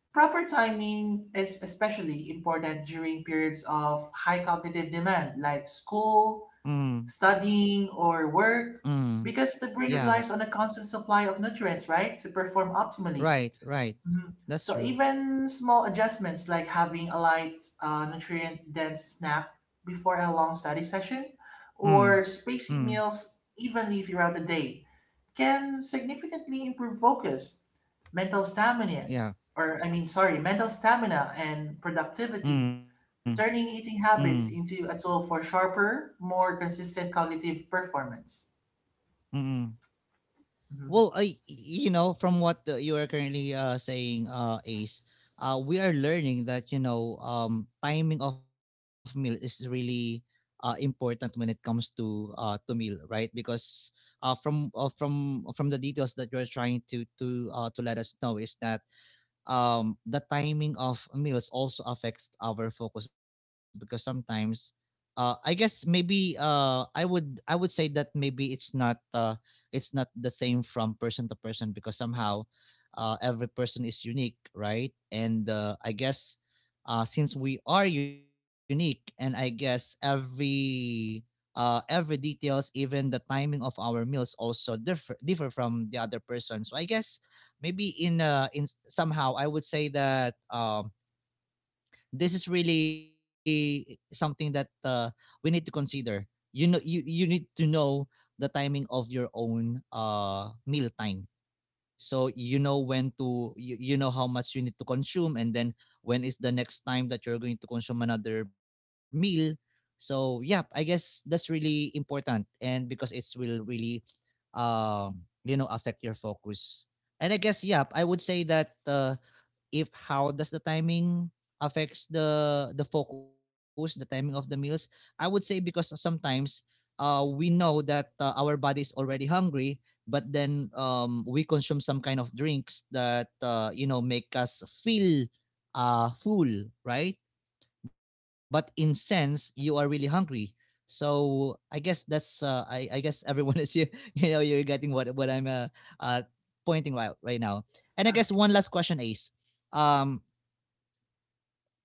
S2: proper timing is especially important during periods of high cognitive demand, like school,
S1: Mm,
S2: studying, or work,
S1: mm,
S2: because the brain
S1: yeah,
S2: relies on a constant supply of nutrients, right, to perform optimally.
S1: right, right.
S2: Mhm.
S1: That's
S2: So
S1: true.
S2: even small adjustments like having a light, nutrient-dense snack before a long study session,
S1: Mm,
S2: or
S1: mm,
S2: spacing meals evenly throughout the day, can significantly improve focus, mental stamina,
S1: yeah,
S2: or I mean, sorry, mental stamina and productivity,
S1: mm,
S2: turning
S1: mm,
S2: eating habits into a tool for sharper, more consistent cognitive performance.
S1: mm. Mm.
S2: Mhm.
S1: Well, I, you know, from what you are currently saying, Ace, we are learning that you know, timing of meal is really important when it comes to meal, right? Because from the details that you're trying to to let us know is that the timing of meals also affects our focus, because sometimes I guess maybe I would say that maybe it's not the same from person to person, because somehow every person is unique, right? And I guess since we are unique and I guess every details, even the timing of our meals, also differ differ from the other person. So I guess maybe in somehow I would say that this is really something that we need to consider. You know, you need to know the timing of your own meal time, so you know when to you, you know how much you need to consume, and then when is the next time that you're going to consume another meal. So yeah, I guess that's really important, and because it will really you know affect your focus. And I guess yeah I would say that if how does the timing affects the focus, the timing of the meals, I would say, because sometimes we know that our body is already hungry, but then we consume some kind of drinks that you know make us feel full, right? But in sense you are really hungry. So I guess that's I guess [laughs] everyone is you [laughs] you know you're getting what I'm uh pointing right right now. And I guess one last question is um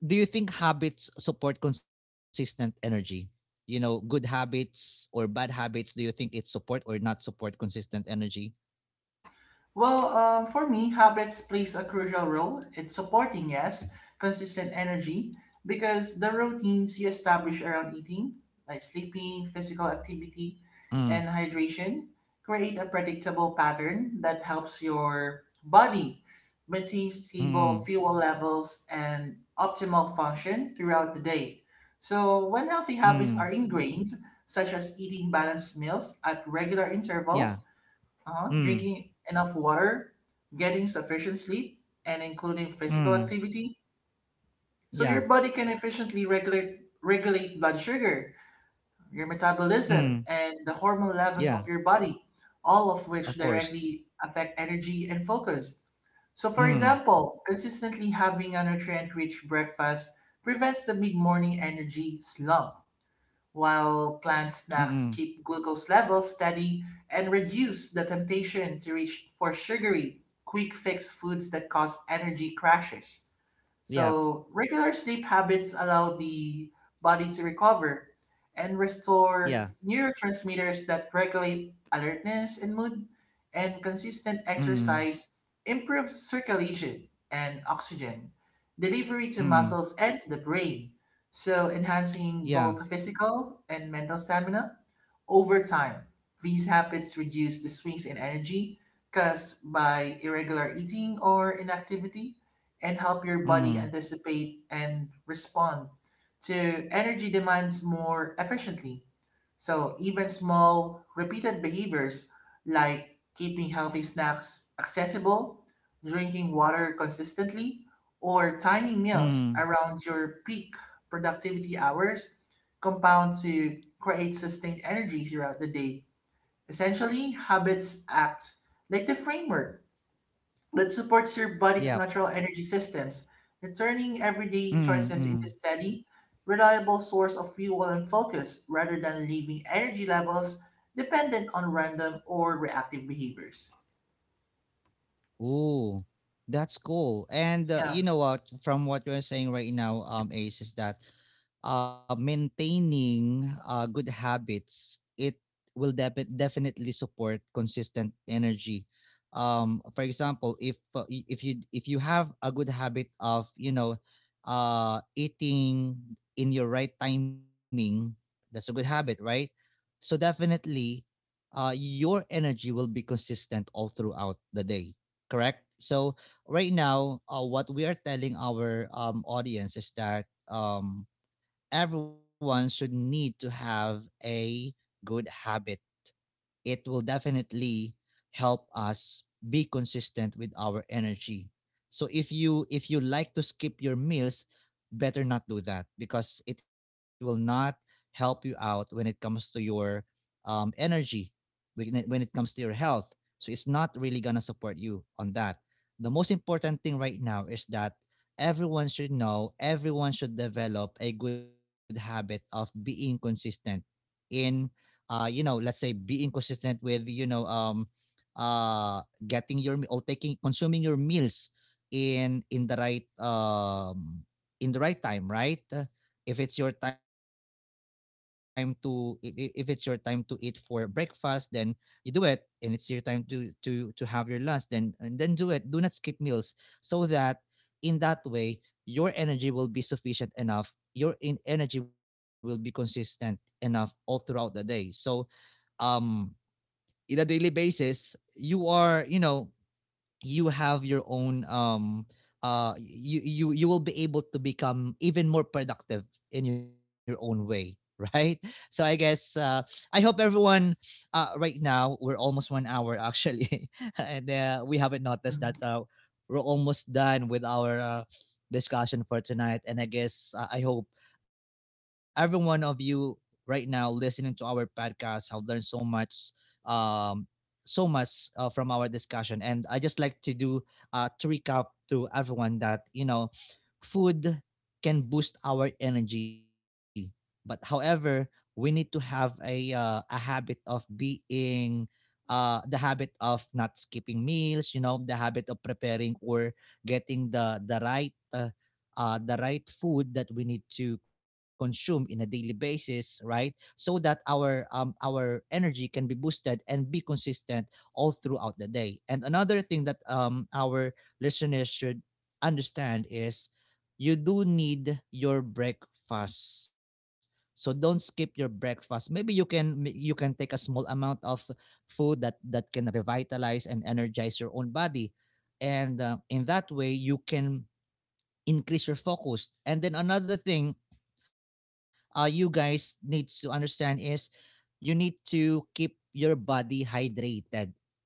S1: do you think habits support consistent energy? You know, good habits or bad habits, do you think it support or not support consistent energy?
S2: Well, for me, habits plays a crucial role. It's supporting, yes, consistent energy because the routines you establish around eating, like sleeping, physical activity,
S1: Mm,
S2: and hydration, create a predictable pattern that helps your body maintain
S1: mm,
S2: stable fuel levels and optimal function throughout the day. So, when
S1: mm,
S2: healthy habits are ingrained, such as eating balanced meals at regular
S1: yeah,
S2: intervals,
S1: mm,
S2: drinking enough water, getting sufficient sleep, and including physical
S1: mm,
S2: activity, so
S1: yeah,
S2: your body can efficiently regulate blood sugar, your
S1: mm,
S2: metabolism, and the hormone
S1: yeah,
S2: levels of your body, all of
S1: of
S2: which
S1: course,
S2: directly affect energy and focus. So, for
S1: mm,
S2: example, consistently having a nutrient-rich breakfast prevents the mid-morning energy slump while
S1: mm,
S2: plant
S1: mm,
S2: snacks keep glucose levels steady and reduce the temptation to reach for sugary, quick fix foods that cause energy crashes.
S1: yeah.
S2: So, regular sleep habits allow the body to recover and
S1: Yeah.
S2: restore neurotransmitters that regulate alertness and mood, and consistent
S1: Mm.
S2: exercise improves circulation and oxygen delivery to
S1: Mm.
S2: muscles and to the brain, so
S1: Yeah.
S2: enhancing both physical and mental stamina. Over time, these habits reduce the swings in energy caused by irregular eating or inactivity and help your body
S1: Mm.
S2: anticipate and respond to energy demands more efficiently. So even small, repeated behaviors like keeping healthy snacks accessible, drinking water consistently, or timing meals
S1: Mm.
S2: around your peak productivity hours compound to create sustained energy throughout the day. Essentially, habits act like the framework that supports your body's
S1: Yep.
S2: natural energy systems, and turning everyday
S1: Mm.
S2: choices into
S1: Mm.
S2: steady, reliable source of fuel and focus rather than leaving energy levels dependent on random or reactive behaviors.
S1: Ooh, that's cool. And
S2: Yeah.
S1: you know what? From what you're saying right now, Ace, is that maintaining good habits, it will definitely support consistent energy. For example, if you if you have a good habit of you know eating in your right timing, that's a good habit, right? So definitely, your energy will be consistent all throughout the day. Correct. So right now, what we are telling our audience is that everyone should need to have a good habit. It will definitely help us be consistent with our energy. So if you like to skip your meals, better not do that, because it will not help you out when it comes to your energy, when when it comes to your health. So it's not really gonna support you on that. The most important thing right now is that everyone should know, everyone should develop a good habit of being consistent in you know, let's say being consistent with you know uh getting your or taking consuming your meals in in the right um in the right time, right? If it's your time to if it's your time to eat for breakfast, then you do it. And it's your time to to have your lunch, then and then do it. Do not skip meals, so that in that way your energy will be sufficient enough, your in energy will be consistent enough all throughout the day. So um in a daily basis, you are, you have your own you will be able to become even more productive in your own way [laughs] right. So I guess, I hope everyone, right now we're almost 1 hour actually [laughs] and we haven't noticed
S2: Mhm.
S1: that we're almost done with our discussion for tonight. And I hope every one of you right now listening to our podcast have learned so much, um from our discussion. And I just like to do to recap to everyone that, food can boost our energy, but however, we need to have a habit of being the habit of not skipping meals, you know, the habit of preparing or getting the right the right food that we need to consume in a daily basis, right? So that our energy can be boosted and be consistent all throughout the day. And another thing that, our listeners should understand is you do need your breakfast. So don't skip your breakfast. Maybe you can take a small amount of food that can revitalize and energize your own body, and in that way you can increase your focus. And then another thing, you guys needs to understand is you need to keep your body hydrated.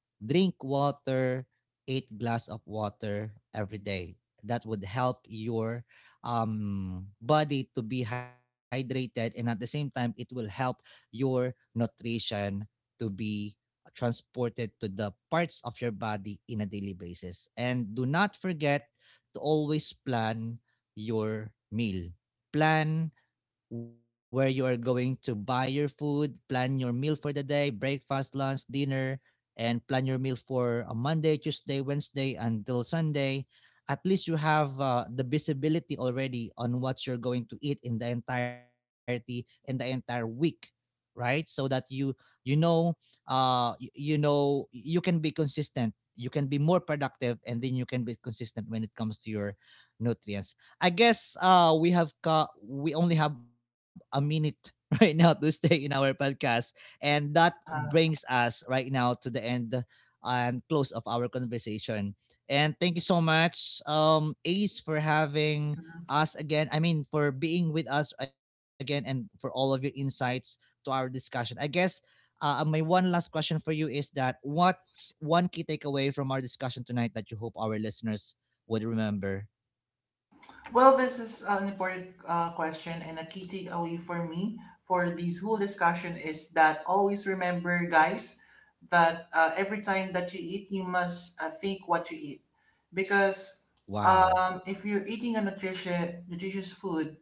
S1: Drink water, 8 glass of water every day. That would help your body to be hydrated, and at the same time, it will help your nutrition to be transported to the parts of your body in a daily basis. And do not forget to always plan your meal. Plan where you are going to buy your food, plan your meal for the day, breakfast, lunch, dinner, and plan your meal for a Monday, Tuesday, Wednesday until Sunday. At least you have the visibility already on what you're going to eat in the entire week, right? So that you, you know you know, you can be consistent, you can be more productive, and then you can be consistent when it comes to your nutrients. We only have a minute [laughs] right now to stay in our podcast, and that brings
S2: Uh-huh.
S1: us right now to the end and close of our conversation. And thank you so much, Ace, for having us again. I mean, for being with us again, and for all of your insights to our discussion. I guess. My one last question for you is, that what's one key takeaway from our discussion tonight that you hope our listeners would remember?
S2: Well, this is an important question, and a key takeaway for me for this whole discussion is that always remember, guys, that every time that you eat, you must think what you eat. Because
S1: Wow.
S2: if you're eating a nutritious food,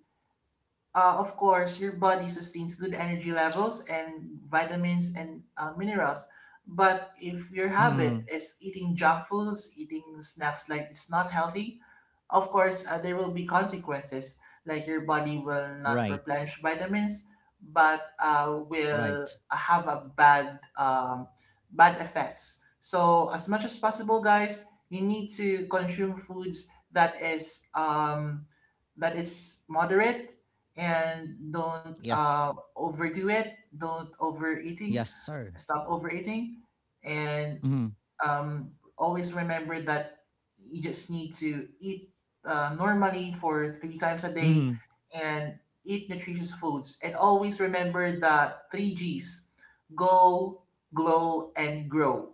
S2: of course, your body sustains good energy levels and vitamins and minerals. But if your
S1: Mm,
S2: habit is eating junk foods, eating snacks like it's not healthy, of course, there will be consequences, like your body will not
S1: right,
S2: replenish vitamins, but
S1: right.
S2: will have a bad bad effects. So as much as possible, guys, you need to consume foods that is moderate and don't
S1: Yes,
S2: overdo it. Don't
S1: yes,
S2: overeating.
S1: sir.
S2: Stop overeating and
S1: Mhm,
S2: um, always remember that you just need to eat normally for three times a day
S1: mhm.
S2: and eat nutritious foods. And always remember that three G's: go, glow, and grow.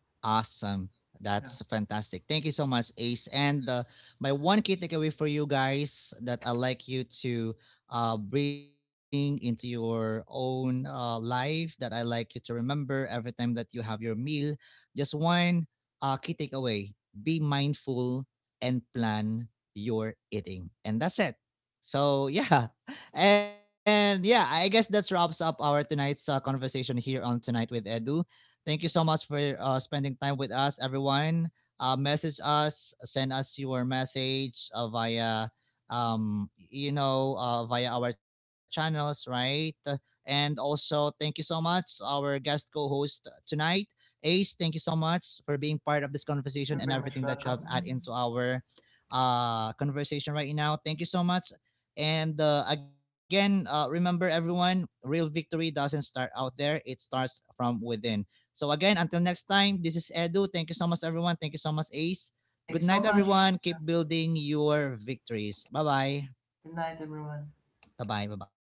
S1: Awesome. That's
S2: Yeah.
S1: fantastic. Thank you so much, Ace. And my one key takeaway for you guys that I like you to bring into your own life, that I like you to remember every time that you have your meal. Just one key takeaway, be mindful and plan your eating. And that's it. So, yeah. [laughs] And yeah, I guess that wraps up our tonight's conversation here on Tonight with Edu. Thank you so much for spending time with us, everyone. Message us, send us your message via our channels, right? And also, thank you so much to our guest co-host tonight, Ace. Thank you so much for being part of this conversation
S2: You're
S1: and
S2: very
S1: everything
S2: much
S1: that you
S2: welcome.
S1: have added
S2: Mhm.
S1: into our conversation right now. Thank you so much. And again, remember everyone, real victory doesn't start out there, it starts from within. So again, until next time, this is Edu. Thank you so much, everyone. Thank you so much, Ace.
S2: Thank
S1: Good
S2: you
S1: night,
S2: so much.
S1: everyone. Keep building your victories. Bye-bye.
S2: Good night, everyone.
S1: Bye-bye. Bye-bye.